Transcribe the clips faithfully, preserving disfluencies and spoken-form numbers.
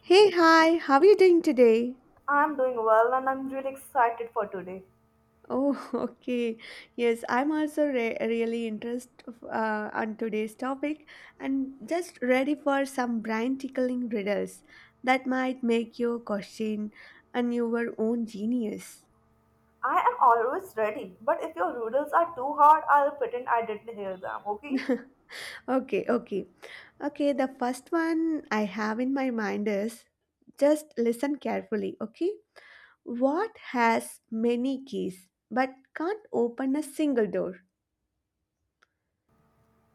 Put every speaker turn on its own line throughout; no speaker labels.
Hey, hi, how are you doing today?
I'm doing well and I'm really excited for today.
Oh, okay. Yes, I'm also re- really interested uh, on today's topic and just ready for some brain tickling riddles that might make you question on your own genius.
I am always ready, but if your riddles are too hard, I'll pretend I didn't hear them, okay?
Okay, okay. Okay, the first one I have in my mind is just listen carefully, okay? What has many keys but can't open a single door?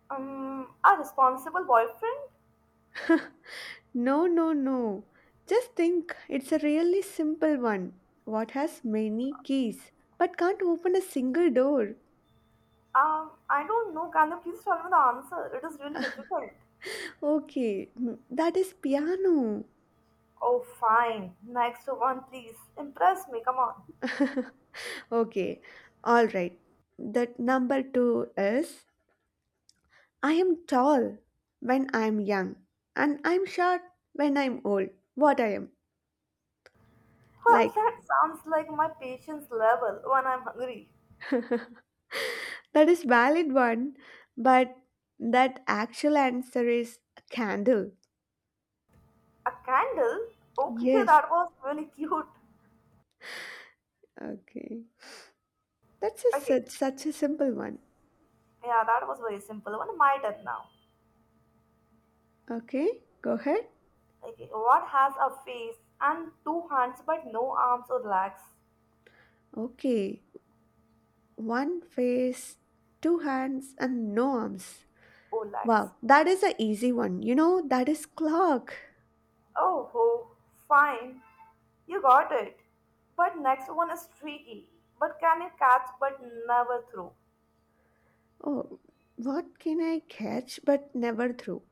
Um, a responsible boyfriend?
No, no, no. Just think, it's a really simple one. What has many keys but can't open a single door?
Um, I don't know. Can you please tell me the answer? It is really difficult.
Okay, mm, that is piano.
Oh, fine. Next one, please. Impress me, come on.
Okay, all right. The number two is I am tall when I am young, and I'm short when I'm old. What I am
Well,
like.
that sounds like my patience level when I'm hungry.
That is valid one, but that actual answer is candle.
A candle? Okay,
Yes.
that was really cute.
Okay. That's a
Okay,
such, such a simple one.
yeah, that was very simple. One, my turn now.
Okay, go ahead.
Okay, what has a face and two hands but no arms or legs?
Okay. One face, two hands, and no arms.
Or legs.
Wow, that is an easy one. You know, that is clock.
Oh, ho, fine. You got it. But next one is tricky. But can it catch but never throw?
Oh, what can I catch but never throw?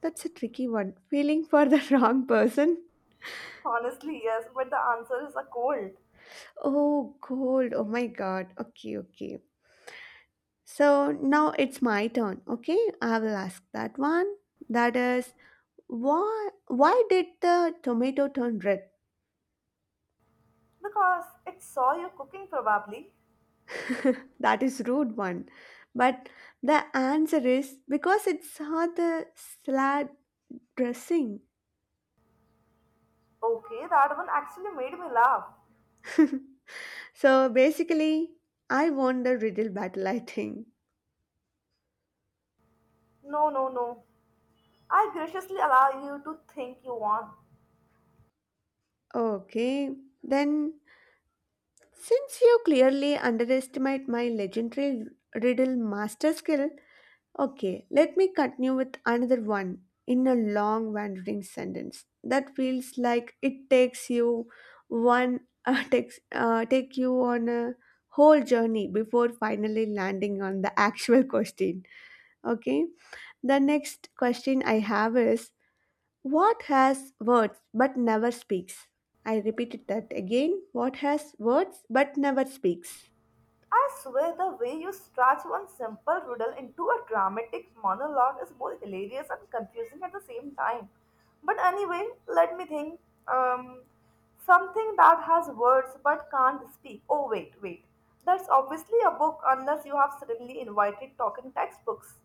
That's a tricky one. Feeling for the wrong person.
Honestly, yes, but the answer is a cold.
Oh, gold. Oh my god. Okay, okay. So now it's my turn. Okay, I will ask that one. That is, Why, why did the tomato turn red?
Because it saw you cooking probably.
That is rude one. But the answer is because it saw the salad dressing.
Okay, that one actually made me laugh.
So basically, I won the riddle battle, I think.
No, no, no. I graciously allow you to think you want.
Okay, then since you clearly underestimate my legendary riddle master skill, okay, let me continue with another one in a long wandering sentence that feels like it takes you one uh, takes uh, take you on a whole journey before finally landing on the actual question. Okay, the next question I have is, what has words but never speaks? I repeated that again. What has words but never speaks?
I swear the way you stretch one simple riddle into a dramatic monologue is both hilarious and confusing at the same time. But anyway, let me think. Um, Something that has words but can't speak. Oh, wait, wait. That's obviously a book unless you have suddenly invited talking textbooks.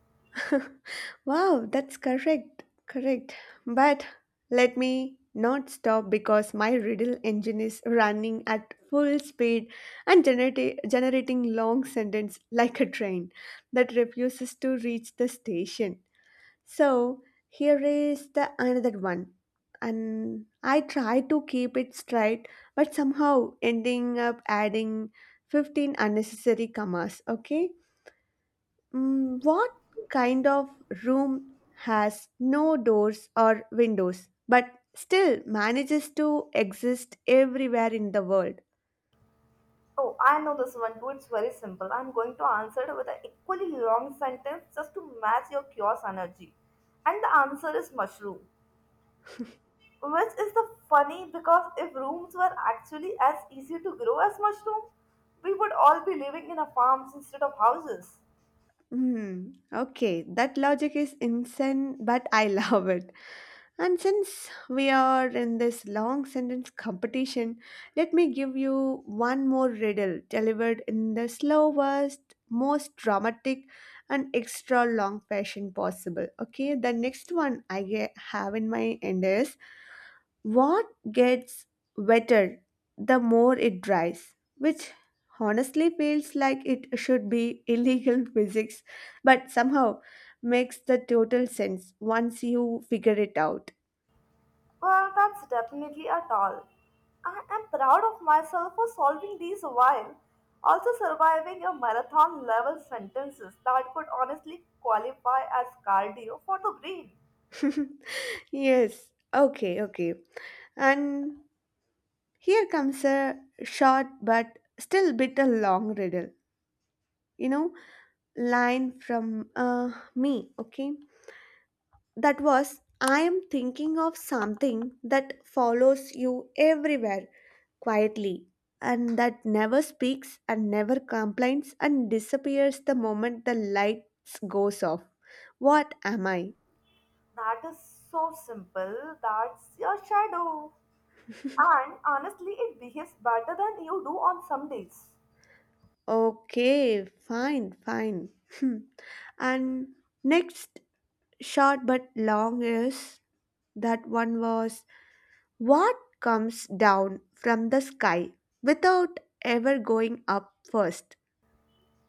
Wow, that's correct. Correct. But let me not stop because my riddle engine is running at full speed and generati- generating long sentence like a train that refuses to reach the station. So here is the another one. And I try to keep it straight, but somehow ending up adding fifteen unnecessary commas. Okay. Mm, what kind of room has no doors or windows but still manages to exist everywhere in the world?
Oh, I know this one too. It's very simple. I'm going to answer it with an equally long sentence just to match your chaos energy. And the answer is mushroom. Which is the funny because if rooms were actually as easy to grow as mushroom, we would all be living in a farms instead of houses.
Hmm. Okay, that logic is insane, but I love it. And since we are in this long sentence competition, let me give you one more riddle delivered in the slowest, most dramatic, and extra long fashion possible. Okay, the next one I ge- have in my end is, what gets wetter the more it dries, which honestly feels like it should be illegal physics, but somehow makes the total sense once you figure it out.
Well, that's definitely a all. I am proud of myself for solving these while also surviving a marathon level sentences that could honestly qualify as cardio for the brain.
Yes. Okay, okay. And here comes a short but still bit a long riddle. You know, line from uh, me, okay? That was, I am thinking of something that follows you everywhere quietly and that never speaks and never complains and disappears the moment the lights goes off. What am I?
That is so simple. That's your shadow. And honestly, it behaves better than you do on some days.
Okay, fine, fine. Hmm. And next short but long is, that one was, what comes down from the sky without ever going up first.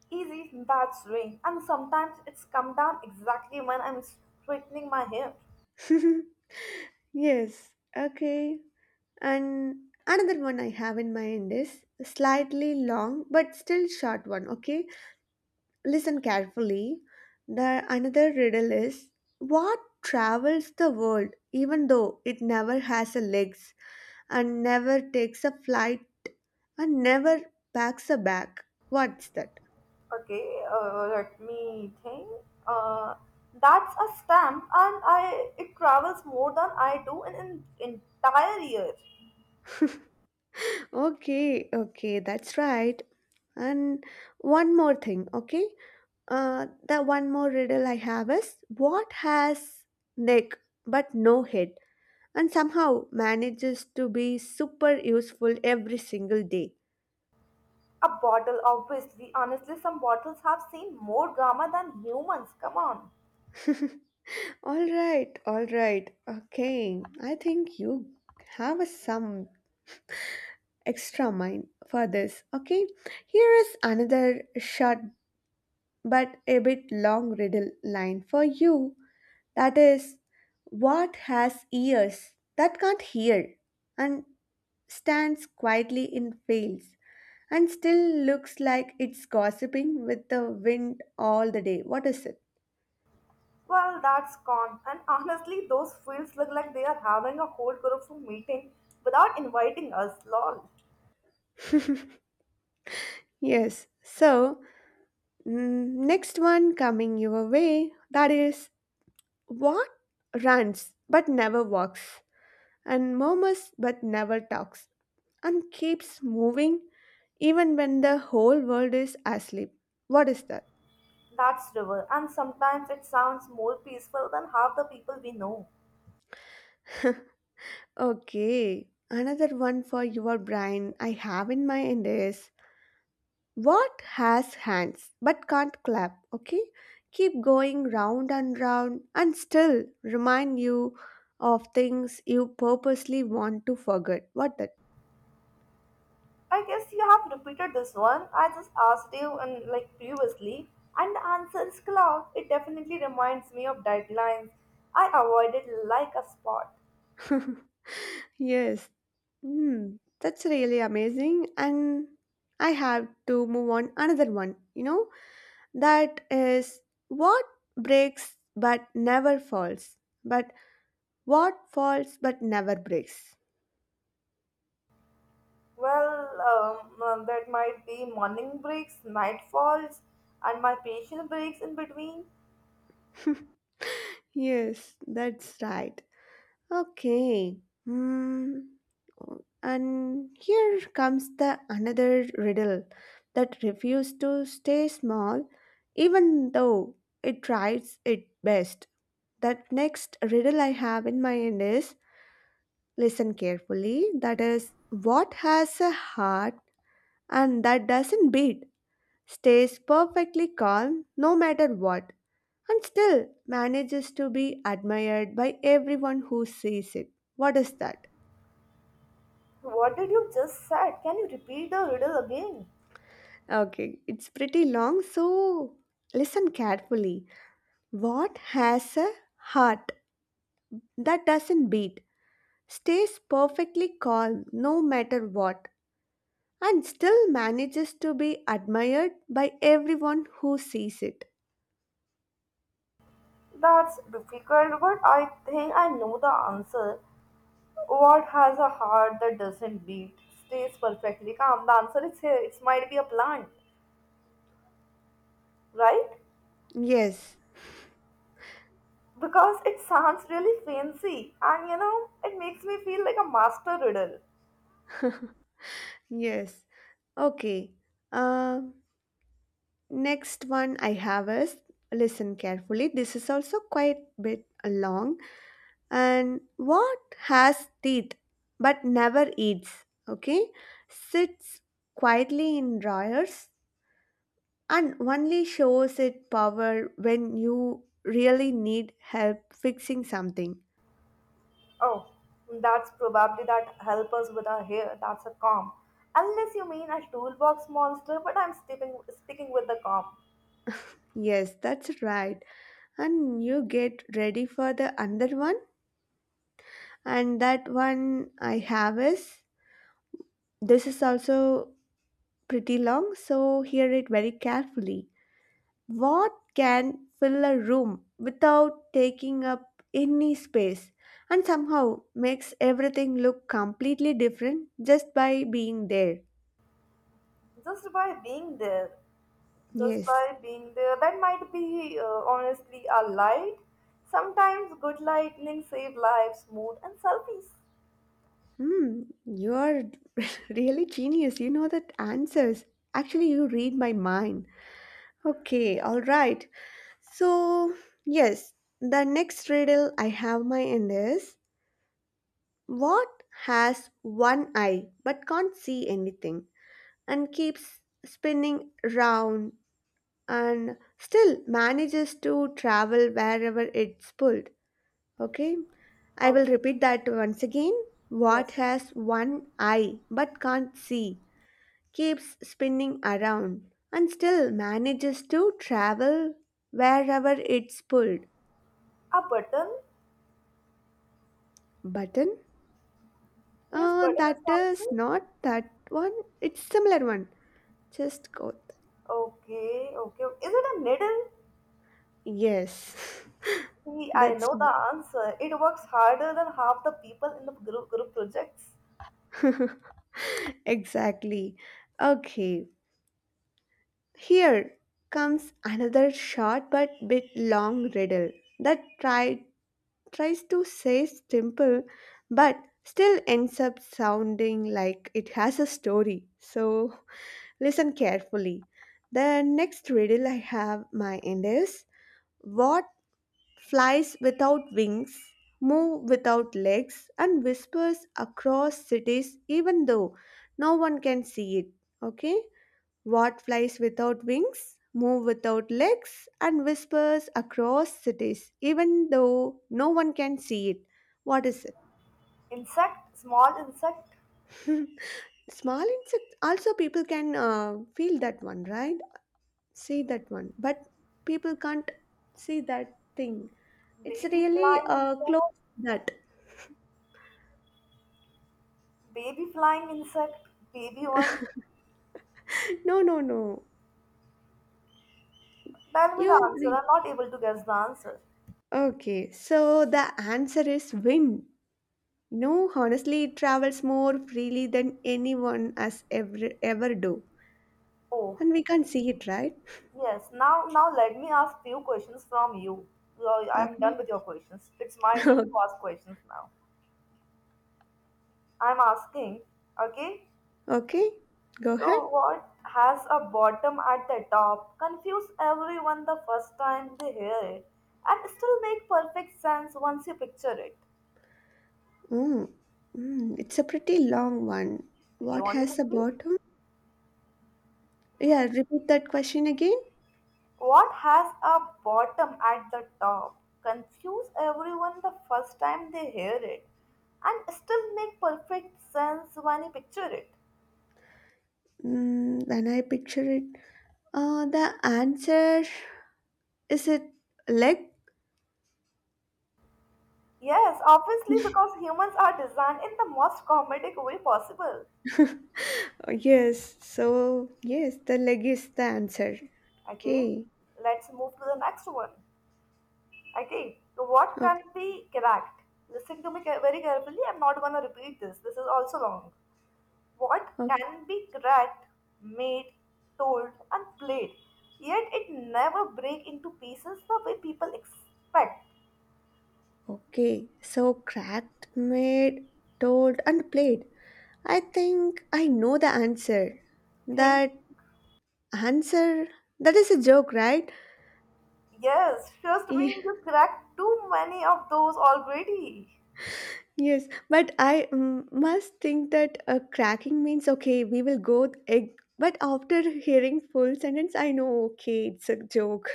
Easy, that's rain. And sometimes it's come down exactly when I'm straightening my hair.
Yes, okay. And another one I have in mind is slightly long but still short one, okay? Listen carefully. The another riddle is, what travels the world even though it never has a legs and never takes a flight and never packs a bag. What's that?
Okay, uh, let me think. Uh, that's a stamp, and I it travels more than I do in an entire year.
Okay, okay, that's right. And one more thing, okay? Uh, the one more riddle I have is, what has neck but no head and somehow manages to be super useful every single day?
A bottle, obviously. Honestly, some bottles have seen more drama than humans. Come on.
All right, all right. Okay, I think you have a some extra mind for this. Okay, here is another short but a bit long riddle line for you. That is, what has ears that can't hear and stands quietly in fields and still looks like it's gossiping with the wind all the day? What is it?
Well, that's gone. And honestly, those fields look like they are having a whole group of meeting without inviting us. Lol.
Yes, so Mm, next one coming your way, that is, what runs but never walks and murmurs but never talks and keeps moving even when the whole world is asleep. What is that?
That's river, and sometimes it sounds more peaceful than half the people we know.
Okay, another one for your brain I have in mind is, what has hands but can't clap? Okay, keep going round and round and still remind you of things you purposely want to forget. What that?
I guess you have repeated this one. I just asked you and like previously, and the answer is cloud. It definitely reminds me of deadlines. I avoided like a spot.
Yes. Hmm. That's really amazing. And I have to move on another one. You know, that is, what breaks but never falls, but what falls but never breaks.
Well, um, uh, that might be morning breaks, night falls, and my patient breaks in between.
Yes, that's right. Okay. Hmm. And here comes the another riddle that refused to stay small, even though it tries its best. That next riddle I have in mind is, listen carefully. That is, what has a heart and that doesn't beat, stays perfectly calm no matter what, and still manages to be admired by everyone who sees it. What is that?
What did you just said? Can you repeat the riddle again?
Okay, it's pretty long, so listen carefully. What has a heart that doesn't beat, stays perfectly calm no matter what, and still manages to be admired by everyone who sees it?
That's difficult, but I think I know the answer. What has a heart that doesn't beat, stays perfectly calm? The answer is here. It might be a plant, right?
Yes,
Because it sounds really fancy and you know, it makes me feel like a master riddle.
yes. Okay, uh, next one I have is, listen carefully. This is also quite a bit long. And what has teeth but never eats, okay, sits quietly in drawers and only shows its power when you really need help fixing something.
Oh, that's probably that help us with our hair. That's a calm. Unless you mean a toolbox monster, but I'm sticking, sticking with the calm.
Yes, that's right. And you get ready for the other one, and that one I have is, this is also pretty long, so hear it very carefully. What can fill a room without taking up any space and somehow makes everything look completely different just by being there?
Just by being there. Just
Yes.
by being there. That might be uh, honestly a light. Sometimes good lightning save lives, mood, and selfies.
Hmm, you're really genius. You know that answers. Actually, you read my mind. Okay, all right. So, yes, the next riddle I have my end is, what has one eye but can't see anything? And keeps spinning round and still manages to travel wherever it's pulled. Okay, I
Oh,
will repeat that once again. What
yes.
has one eye but can't see, keeps spinning around and still manages to travel wherever it's pulled.
A button?
Button?
Yes,
Uh,
button is
that
the answer.
is not that one. It's similar one. Just go.
Okay, okay. Is it a needle?
Yes,
See, I
that's
know the answer. It works harder than half the people in the group, group projects.
right. Exactly. Okay, here comes another short but bit long riddle that try, tries to say simple but still ends up sounding like it has a story. So listen carefully. The next riddle I have my end is, what flies without wings, move without legs, and whispers across cities even though no one can see it. Okay? What flies without wings, moves without legs, and whispers across cities, even though no one can see it? What is it?
Insect, small insect,
Small insect. Also, people can uh, feel that one, right? See that one, but people can't see that thing. It's
baby
really
flying
uh,
insect,
close to that.
baby flying insect, baby one.
No, no, no.
Tell me
You're
the answer.
right.
I'm not able to guess the answer.
Okay, so the answer is wind. No, honestly, it travels more freely than anyone has ever ever do.
Oh,
And we can't see it, right?
yes, now now let me ask few questions from you. Well, I'm
Okay.
done with your questions. It's my turn to
Okay.
ask questions now. I'm asking, okay?
Okay. Go ahead.
So what has a bottom at the top? Confuse everyone the first time they hear it and still make perfect sense once you picture it.
Mm. Mm. It's a pretty long one.
Okay,
What
want me to
has a
repeat?
bottom? Yeah, repeat that question again.
What has a bottom at the top? Confuse everyone the first time they hear it and still make perfect sense when you picture it.
Mm, when I picture it, uh, the answer is, it leg?
Yes, obviously, because humans are designed in the most comedic way possible.
Uh, Yes. So, yes, the leg is the answer.
Okay,
Okay.
let's move to the next one. Okay, so what can
Okay.
be cracked? Listen to me ca- very carefully. I'm not gonna repeat this. This is also long. What
Okay.
can be cracked, made, told, and played, yet it never break into pieces the way people expect.
Okay. So, cracked, made, told, and played. I think I know the answer.
Think,
That answer, that is a joke, right?
yes, trust me,
Ye-
you cracked too many of those already.
yes, but I mm, must think that uh, cracking means, okay, we will go with egg, but after hearing full sentence I know, okay, it's a joke.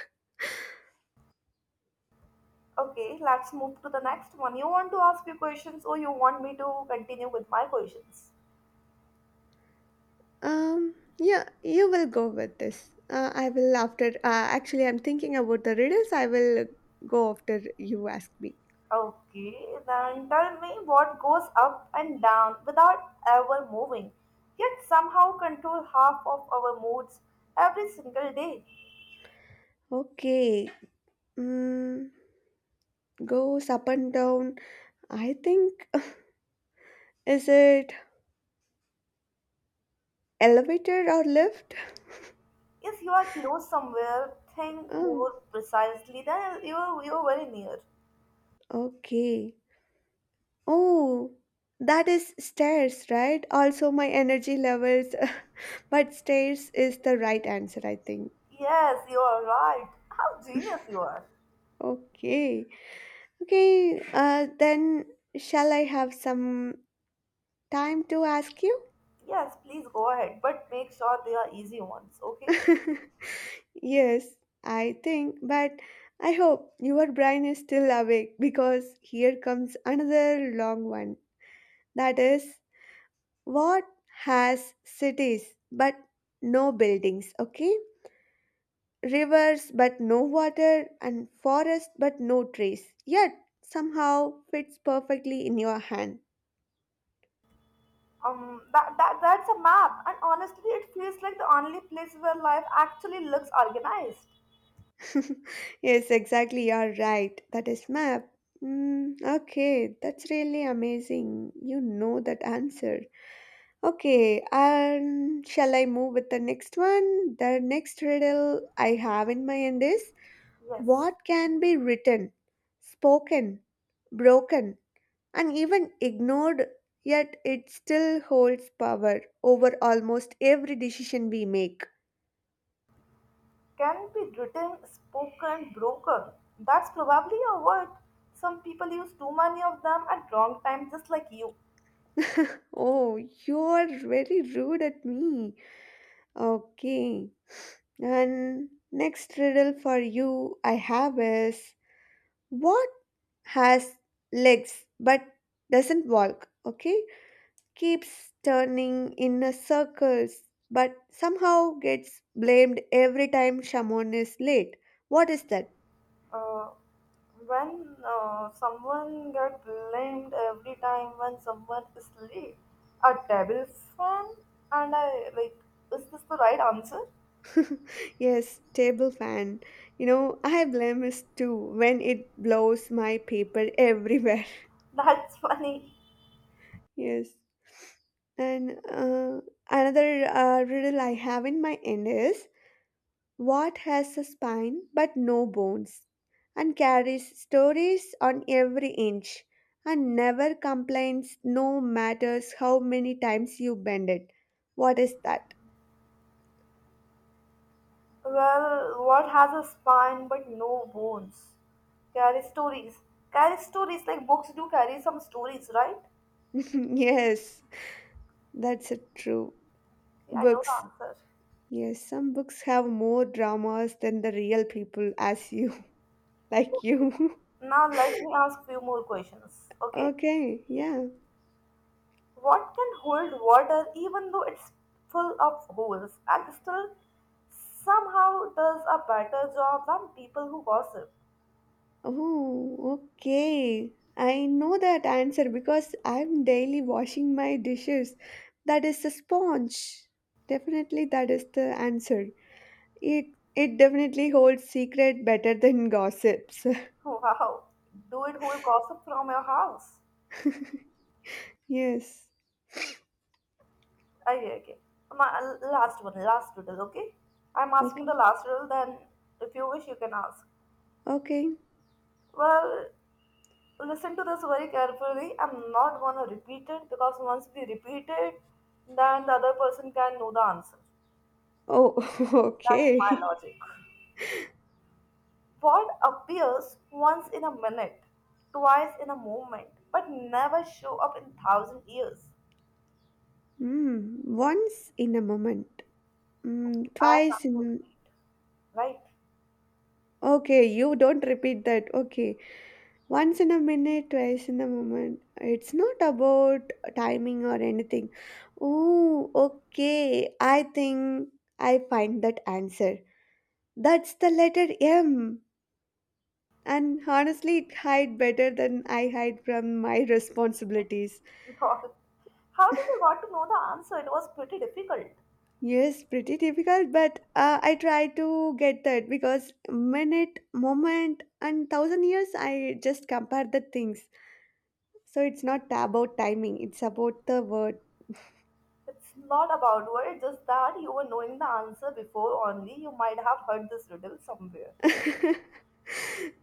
Okay, let's move to the next one. You want to ask me questions or you want me to continue with my questions?
um yeah, you will go with this, uh, I will after uh, actually I'm thinking about the riddles. I will go after you ask me.
Okay, then tell me what goes up and down without ever moving, yet somehow control half of our moods every single day.
Okay, mm, goes up and down, I think, is it elevator or lift?
If you are close somewhere, think
Oh,
more precisely than you you're very near.
okay. Oh, that is stairs, right? Also, my energy levels, but stairs is the right answer, I think.
Yes, you are right. How genius you are.
Okay. Okay, uh, then shall I have some time to ask you?
Yes, please go ahead, but make sure they are easy ones, okay?
Yes, I think, but I hope your brain is still awake because here comes another long one. That is, what has cities but no buildings? Okay. Rivers but no water, and forests but no trees. Yet somehow fits perfectly in your hand.
Um, that, that that's a map, and honestly, it feels like the only place where life actually looks organized.
Yes, exactly, you're right. That is map. Mm, okay, that's really amazing. You know that answer. Okay, um, shall I move with the next one? The next riddle I have in mind is,
Yes,
what can be written, spoken, broken, and even ignored, yet it still holds power over almost every decision we make.
can be written, spoken, broken. That's probably a word. Some people use too many of them at wrong time, just like you.
Oh, you're very rude at me. Okay. And next riddle for you I have is, what has legs but doesn't walk? Okay. Keeps turning in a circles but somehow gets blamed every time someone is late. What is that?
Uh, when uh, someone get blamed every time when someone is late, a table fan, and I like, is this the right answer?
Yes, table fan. You know, I blame blemish too when it blows my paper everywhere.
That's funny.
Yes. And uh, another uh, riddle I have in my end is, what has a spine but no bones and carries stories on every inch and never complains no matters how many times you bend it? What is that?
Well, what has a spine but no bones? Carry stories. Carry stories like books do carry some stories, right?
Yes, that's a true.
See, I know the
Books.
answer.
Yes, some books have more dramas than the real people, as you, like you.
Now let me ask few more questions. Okay,
Okay, yeah.
what can hold water even though it's full of holes and still somehow does a better job than people who gossip?
Oh, okay. I know that answer because I'm daily washing my dishes. That is the sponge. Definitely, that is the answer. It it definitely holds secret better than gossips.
Wow, do it hold gossip from your house?
Yes.
Okay, okay. My uh, last one, last riddle, okay? I'm asking the
Okay.
last riddle, then if you wish, you can ask.
Okay.
Well, listen to this very carefully. I'm not gonna repeat it because once we repeat it, then the other person can know the answer.
Oh,
That's my
okay.
logic. What appears once in a minute, twice in a moment, but never show up in thousand years?
Mm, once in a moment.
Okay,
Mm,
I have
twice
to
in.
repeat, right?
Okay, you don't repeat that. Okay. Once in a minute, twice in a moment. It's not about timing or anything. Oh, okay. I think I find that answer. That's the letter M. And honestly, it hide better than I hide from my responsibilities.
How did you got to know the answer? It was pretty difficult.
Yes, pretty difficult, but uh, I try to get that because minute, moment, and thousand years, I just compare the things. So it's not about timing, it's about the word.
It's not about word, just that you were knowing the answer before only. You might have heard this riddle somewhere.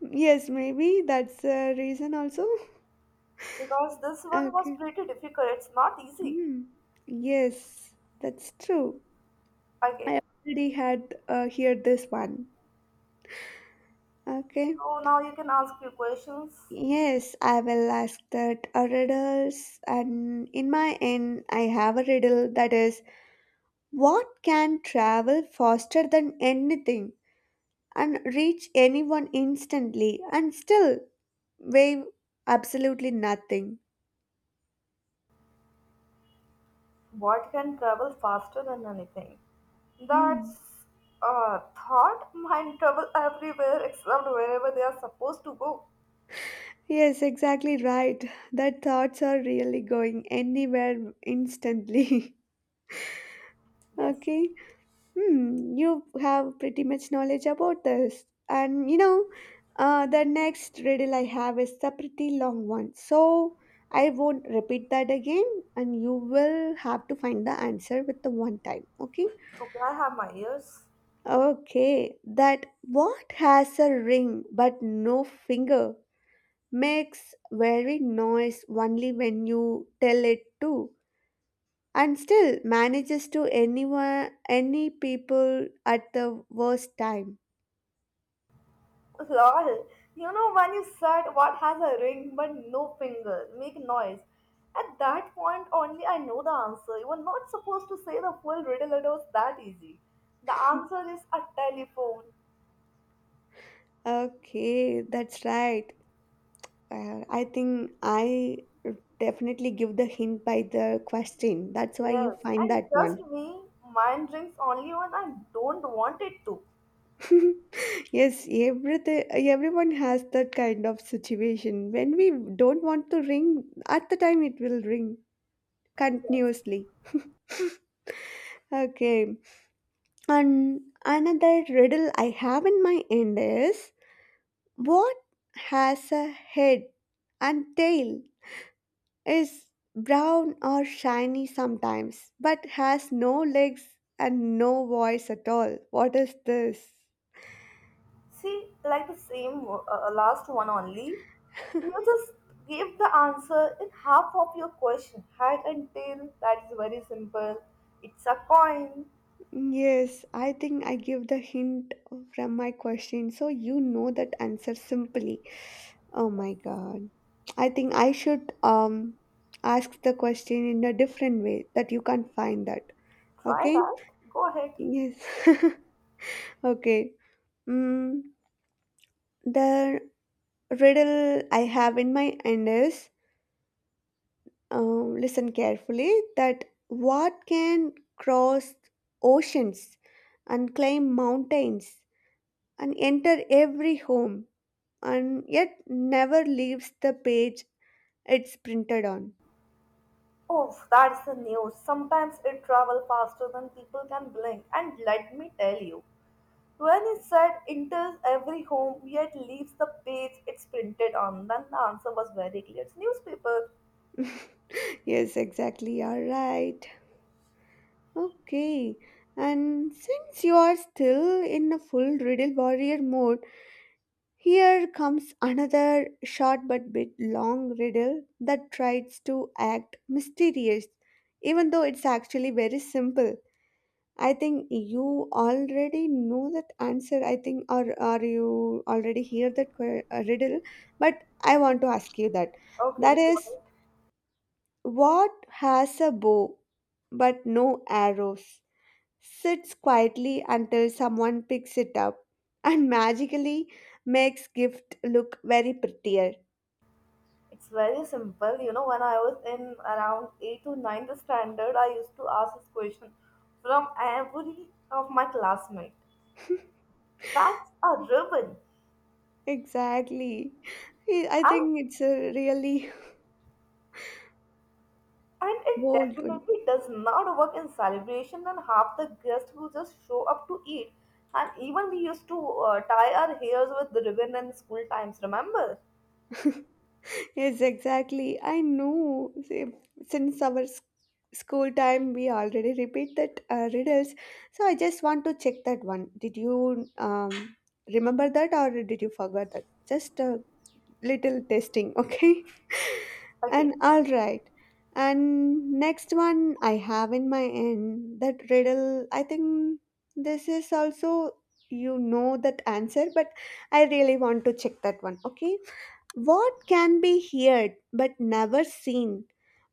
Yes, maybe that's a reason also.
Because this one was
Okay.
pretty difficult, it's not easy.
Hmm. Yes, that's true.
Okay,
I already had uh, heard this one. Okay.
so now you can ask your questions.
Yes, I will ask that a riddles, and in my end, I have a riddle that is, what can travel faster than anything and reach anyone instantly and still weigh absolutely nothing?
What can travel faster than anything?
Hmm.
That's a thought. Mind travel everywhere except wherever they are supposed to go.
Yes, exactly right. That thoughts are really going anywhere instantly.
Yes.
Okay. Hmm. You have pretty much knowledge about this. And you know, uh, the next riddle I have is a pretty long one. So I won't repeat that again, and you will have to find the answer with the one time. Okay.
Okay, I have my ears.
Okay. That, what has a ring but no finger, makes very noise only when you tell it to, and still manages to anyone any people at the worst time?
Lol, you know when you said what has a ring but no finger, make noise. At that point only I know the answer. You are not supposed to say the full riddle, it was that easy. The answer is a telephone.
Okay, that's right. uh, I think I definitely give the hint by the question, that's why you
Yes,
find
and
that
trust
one.
me, mine rings only when I don't want it to.
Yes, everything everyone has that kind of situation when we don't want to ring at the time, it will ring continuously. Okay. And another riddle I have in my end is, what has a head and tail, is brown or shiny sometimes, but has no legs and no voice at all? What is this?
See, like the same uh, uh, last one only. You just gave the answer in half of your question. Head and tail, that is very simple. It's a coin.
Yes, I think I give the hint from my question, so you know that answer simply. Oh my god. I think I should um ask the question in a different way that you can't find that.
Try
Okay?
that. Go ahead.
Yes. Okay. Mm, the riddle I have in my hand is, um, listen carefully, that what can cross oceans and climb mountains and enter every home and yet never leaves the page it's printed on.
Oh, that's the news. Sometimes it travels faster than people can blink. And let me tell you, when it said enters every home yet leaves the page it's printed on, then the answer was very clear. It's newspaper.
Yes, exactly. You're right. Okay. And since you are still in a full riddle warrior mode, here comes another short but bit long riddle that tries to act mysterious, even though it's actually very simple. I think you already know that answer, I think, or, or you already hear that que- uh, riddle, but I want to ask you that.
Okay,
That
got
is, what has a bow but no arrows, sits quietly until someone picks it up and magically makes gift look very prettier?
It's very simple. You know, when I was in around eight to ninth standard, I used to ask this question from every of my classmate. That's a ribbon.
Exactly. I I
And
think it's a really
And it
bold one.
definitely does not work in celebration and half the guests who just show up to eat. And even we used to uh, tie our hairs with the ribbon in school times, remember?
Yes, exactly. I know. See, since our s- school time, we already repeat that uh, riddles. So I just want to check that one. Did you um, remember that, or did you forget that? Just uh, little testing, okay?
Okay,
And all right. And next one I have in my end, that riddle, I think this is also you know that answer, but I really want to check that one. Okay. What can be heard but never seen,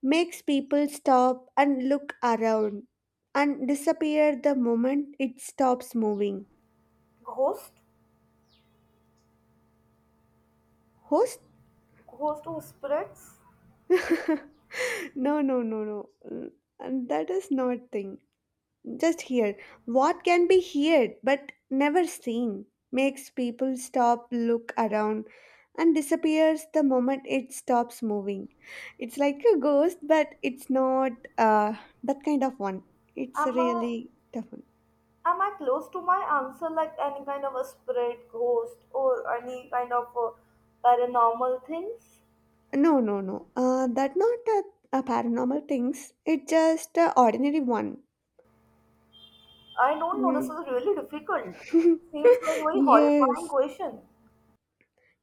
makes people stop and look around, and disappear the moment it stops moving?
ghost,
Host.
ghost or spirits?
No, no, no, no. Mm, and that is not thing. Just here. What can be heard but never seen, makes people stop, look around, and disappears the moment it stops moving? It's like a ghost, but it's not uh, that kind of one. It's a
Am I,
really tough one.
am I close to my answer like any kind of a spirit, ghost, or any kind of uh, paranormal things?
No, no, no. Uh, that not a, a paranormal things. It's just a ordinary one.
I don't know, this
Mm.
is really difficult. Seems like very horrifying
Yes.
question.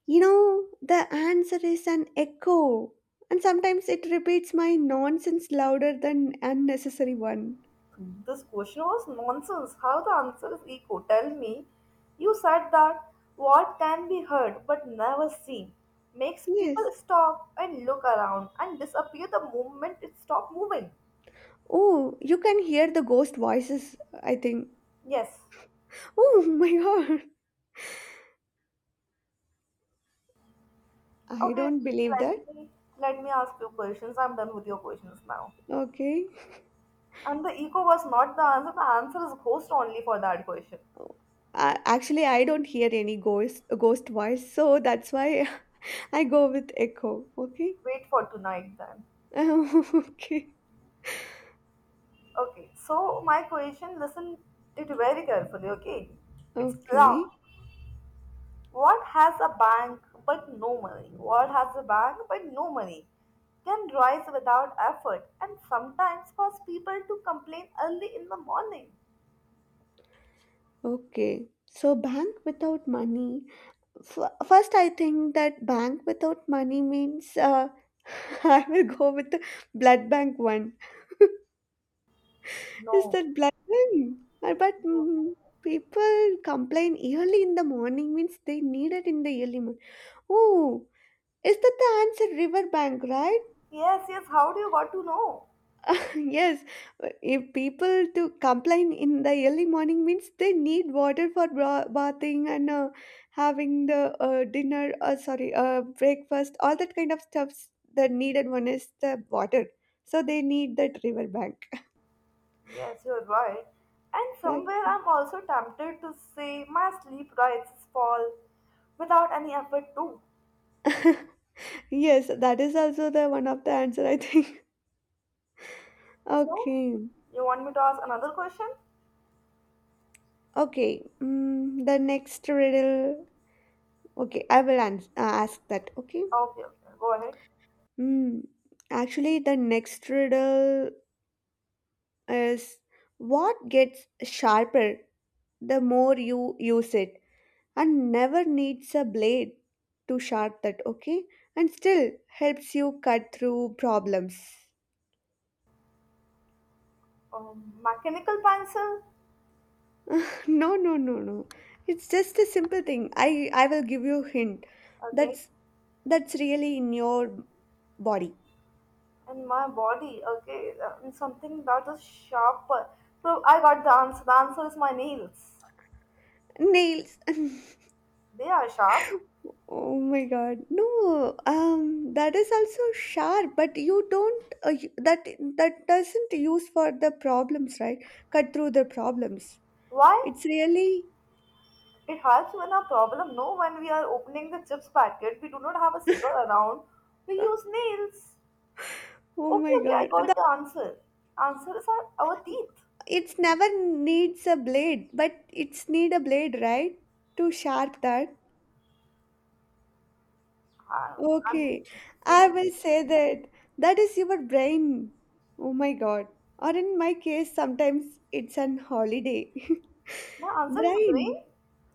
You know, the answer is an echo, and sometimes it repeats my nonsense louder than unnecessary one.
Hmm. This question was nonsense. How the answer is echo? Tell me. You said that what can be heard but never seen makes people
Yes.
stop and look around and disappear the moment it stops moving.
Oh, you can hear the ghost voices, I think.
Yes.
Oh, my god. I
Okay.
don't believe that.
Let me let me ask you questions. I'm done with your questions now.
Okay.
And the echo was not the answer. The answer is ghost only for that question.
Uh, actually, I don't hear any ghost ghost voice, so that's why I go with echo. Okay.
Wait for tonight then.
Okay.
Okay. So my question, listen it very carefully. Okay. It's long.
Okay.
What has a bank but no money? What has a bank but no money? Can rise without effort and sometimes cause people to complain early in the morning.
Okay. So, bank without money. F- first, I think that bank without money means uh, I will go with the blood bank one. Is
No.
that blood bank? Uh, But mm, people complain early in the morning means they need it in the early morning. Oh, is that the answer? River bank, right?
Yes, yes, how do you got to know?
Yes, uh, if people to complain in the early morning means they need water for bra- bathing and uh, having the uh, dinner, uh, sorry, uh, breakfast, all that kind of stuffs. The needed one is the water, so they need that river bank.
Yes, you're right. And somewhere
Okay.
I'm also tempted to say my sleep rights fall without any effort too.
Yes, that is also the one of the answer, I think.
So,
Okay,
you want me to ask another question?
okay. Mm, the next riddle. Okay, I will ans- uh, ask that. Okay.
Okay, okay, go ahead.
Mm. Actually, the next riddle is, what gets sharper the more you use it and never needs a blade to sharp that, okay, and still helps you cut through problems?
Um, mechanical pencil?
No, no, no, no. It's just a simple thing. I i will give you a hint.
Okay,
That's that's really in your body.
and my body. Okay, uh, and something that is sharp, so I got the answer. The answer is my nails.
Nails.
They are sharp.
Oh my God. No, um, that is also sharp, but you don't, uh, you- that that doesn't use for the problems, right? Cut through the problems.
Why?
It's really,
It helps when our problem, no, when we are opening the chips packet, we do not have a scissor around. We use nails.
oh
Okay,
my
okay, I
God. The-
got the answer. Answer is our, our teeth.
It's never needs a blade, but it's need a blade, right? To sharp that.
I, I'm
Okay. I will say that that is your brain. Oh my God. Or in my case, sometimes it's an holiday.
my answer is brain.
Brain.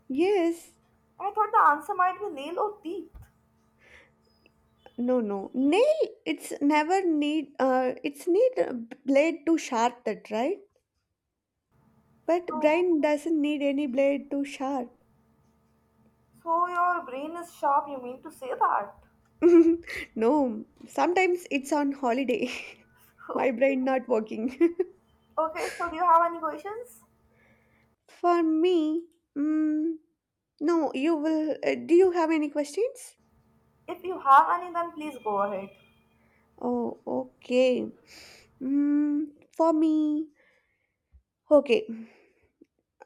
Yes.
I thought the answer might be nail or teeth.
No, no. Nail, it's never need, uh, it's need a b- blade to sharp that, right? But
So
brain doesn't need any blade to sharp.
so your brain is sharp, you mean to say that?
No, sometimes it's on holiday.
Okay.
My brain not working.
Okay, so do you have any questions?
For me, mm, no, you will, uh, do you have any questions?
If you have any, then please go ahead.
Oh, okay. Mm, for me, okay.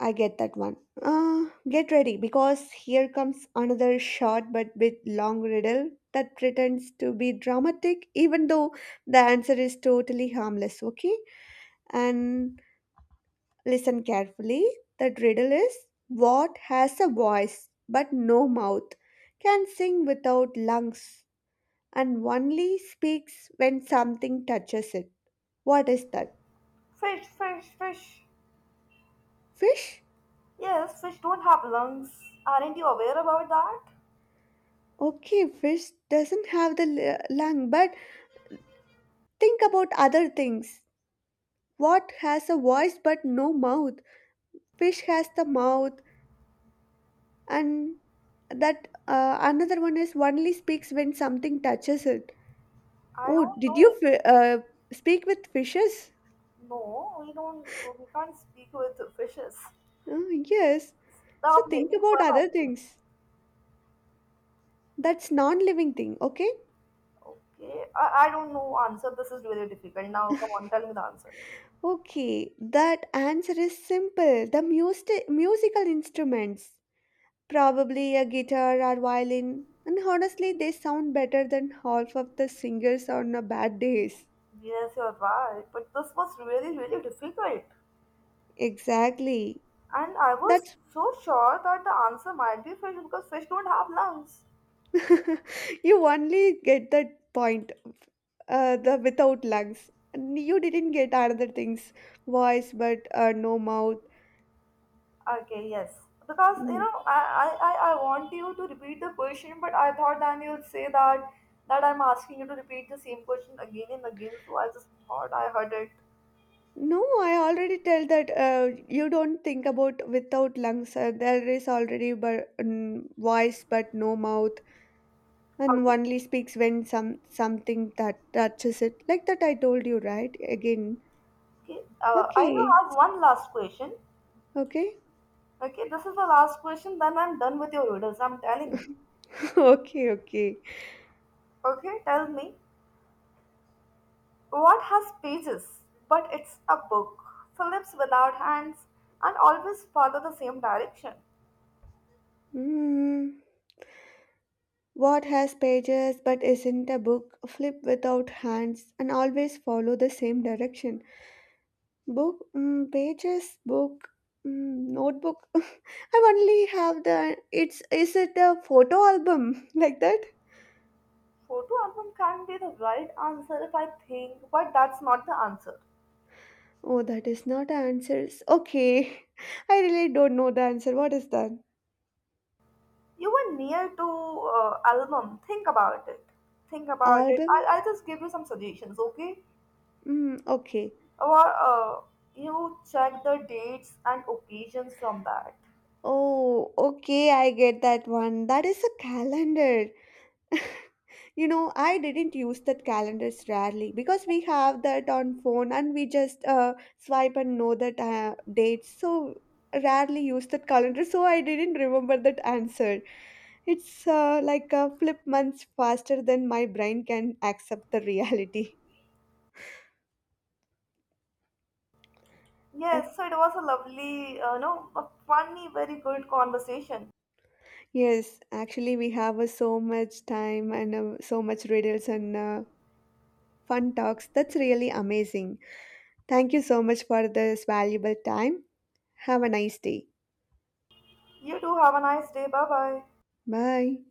I get that one. Uh, get ready because here comes another short but bit long riddle that pretends to be dramatic, even though the answer is totally harmless, okay? And listen carefully. That riddle is, what has a voice but no mouth, can sing without lungs, and only speaks when something touches it? What is that?
Fish, fish, fish.
Fish?
Yes, fish don't have lungs. Aren't you aware about that?
Okay, fish doesn't have the l- lung, but think about other things. What has a voice but no mouth? Fish has the mouth, and that uh, another one is only speaks when something touches it.
I
Oh,
don't
did
know.
you fi- uh, speak with fishes?
No, we don't. We can't speak with fishes.
Oh, yes. So
Stop
think
making
about
fun of
other
me.
things. That's non-living thing, okay?
Okay, I, I don't know answer. This is really difficult. Now, come on, tell me the answer.
Okay, that answer is simple. The music musical instruments. Probably a guitar or violin, and honestly, they sound better than half of the singers on a bad days.
Yes, you're right. But this was really, really difficult.
Exactly.
And I was
That's
so sure that the answer might be fish because fish don't have lungs.
you only get that point. Uh, the without lungs, and you didn't get other things, voice, but uh, no mouth.
Okay, yes. Because you
Mm.
know, I, I, I I want you to repeat the question, but I thought then you'll say that that I'm asking you to repeat the same question again and again. So I just thought I heard it.
No, I already tell that uh, you don't think about without lungs. Uh, there is already but mm voice, but no mouth. And
Okay.
only speaks when some something that touches it, like that I told you, right again.
Okay. Uh, I do
Okay,
have one last question.
okay.
Okay, this is the last question. Then I'm done with your riddles. I'm telling you.
Okay, okay.
Okay, tell me what has pages but it's a book, Phillips without hands, and always follow the same direction.
Mm. What has pages but isn't a book, flip without hands, and always follow the same direction? Book. Mm, pages, book. Mm, notebook. I only have the, it's, is it a photo album? Like that.
Photo album can be the right answer if I think, but that's not the answer.
Oh, that is not answers, okay. I really don't know the answer. What is that?
You were near to uh, album. Think about it. Think about it.
Album?
I'll, I'll just give you some suggestions, okay?
Mm, okay.
Or uh, you check the dates and occasions from that.
Oh, okay, I get that one. That is a calendar. You know, I didn't use that calendars rarely because we have that on phone, and we just uh, swipe and know that uh, dates. So rarely use that calendar. So I didn't remember that answer. It's uh, like a flip months faster than my brain can accept the reality.
Yes, so it was a lovely, uh, no, a funny, very good conversation.
Yes, actually, we have uh, so much time and uh, so much riddles and uh, fun talks. That's really amazing. Thank you so much for this valuable time. Have a nice day.
You do have a nice day. Bye bye.
Bye.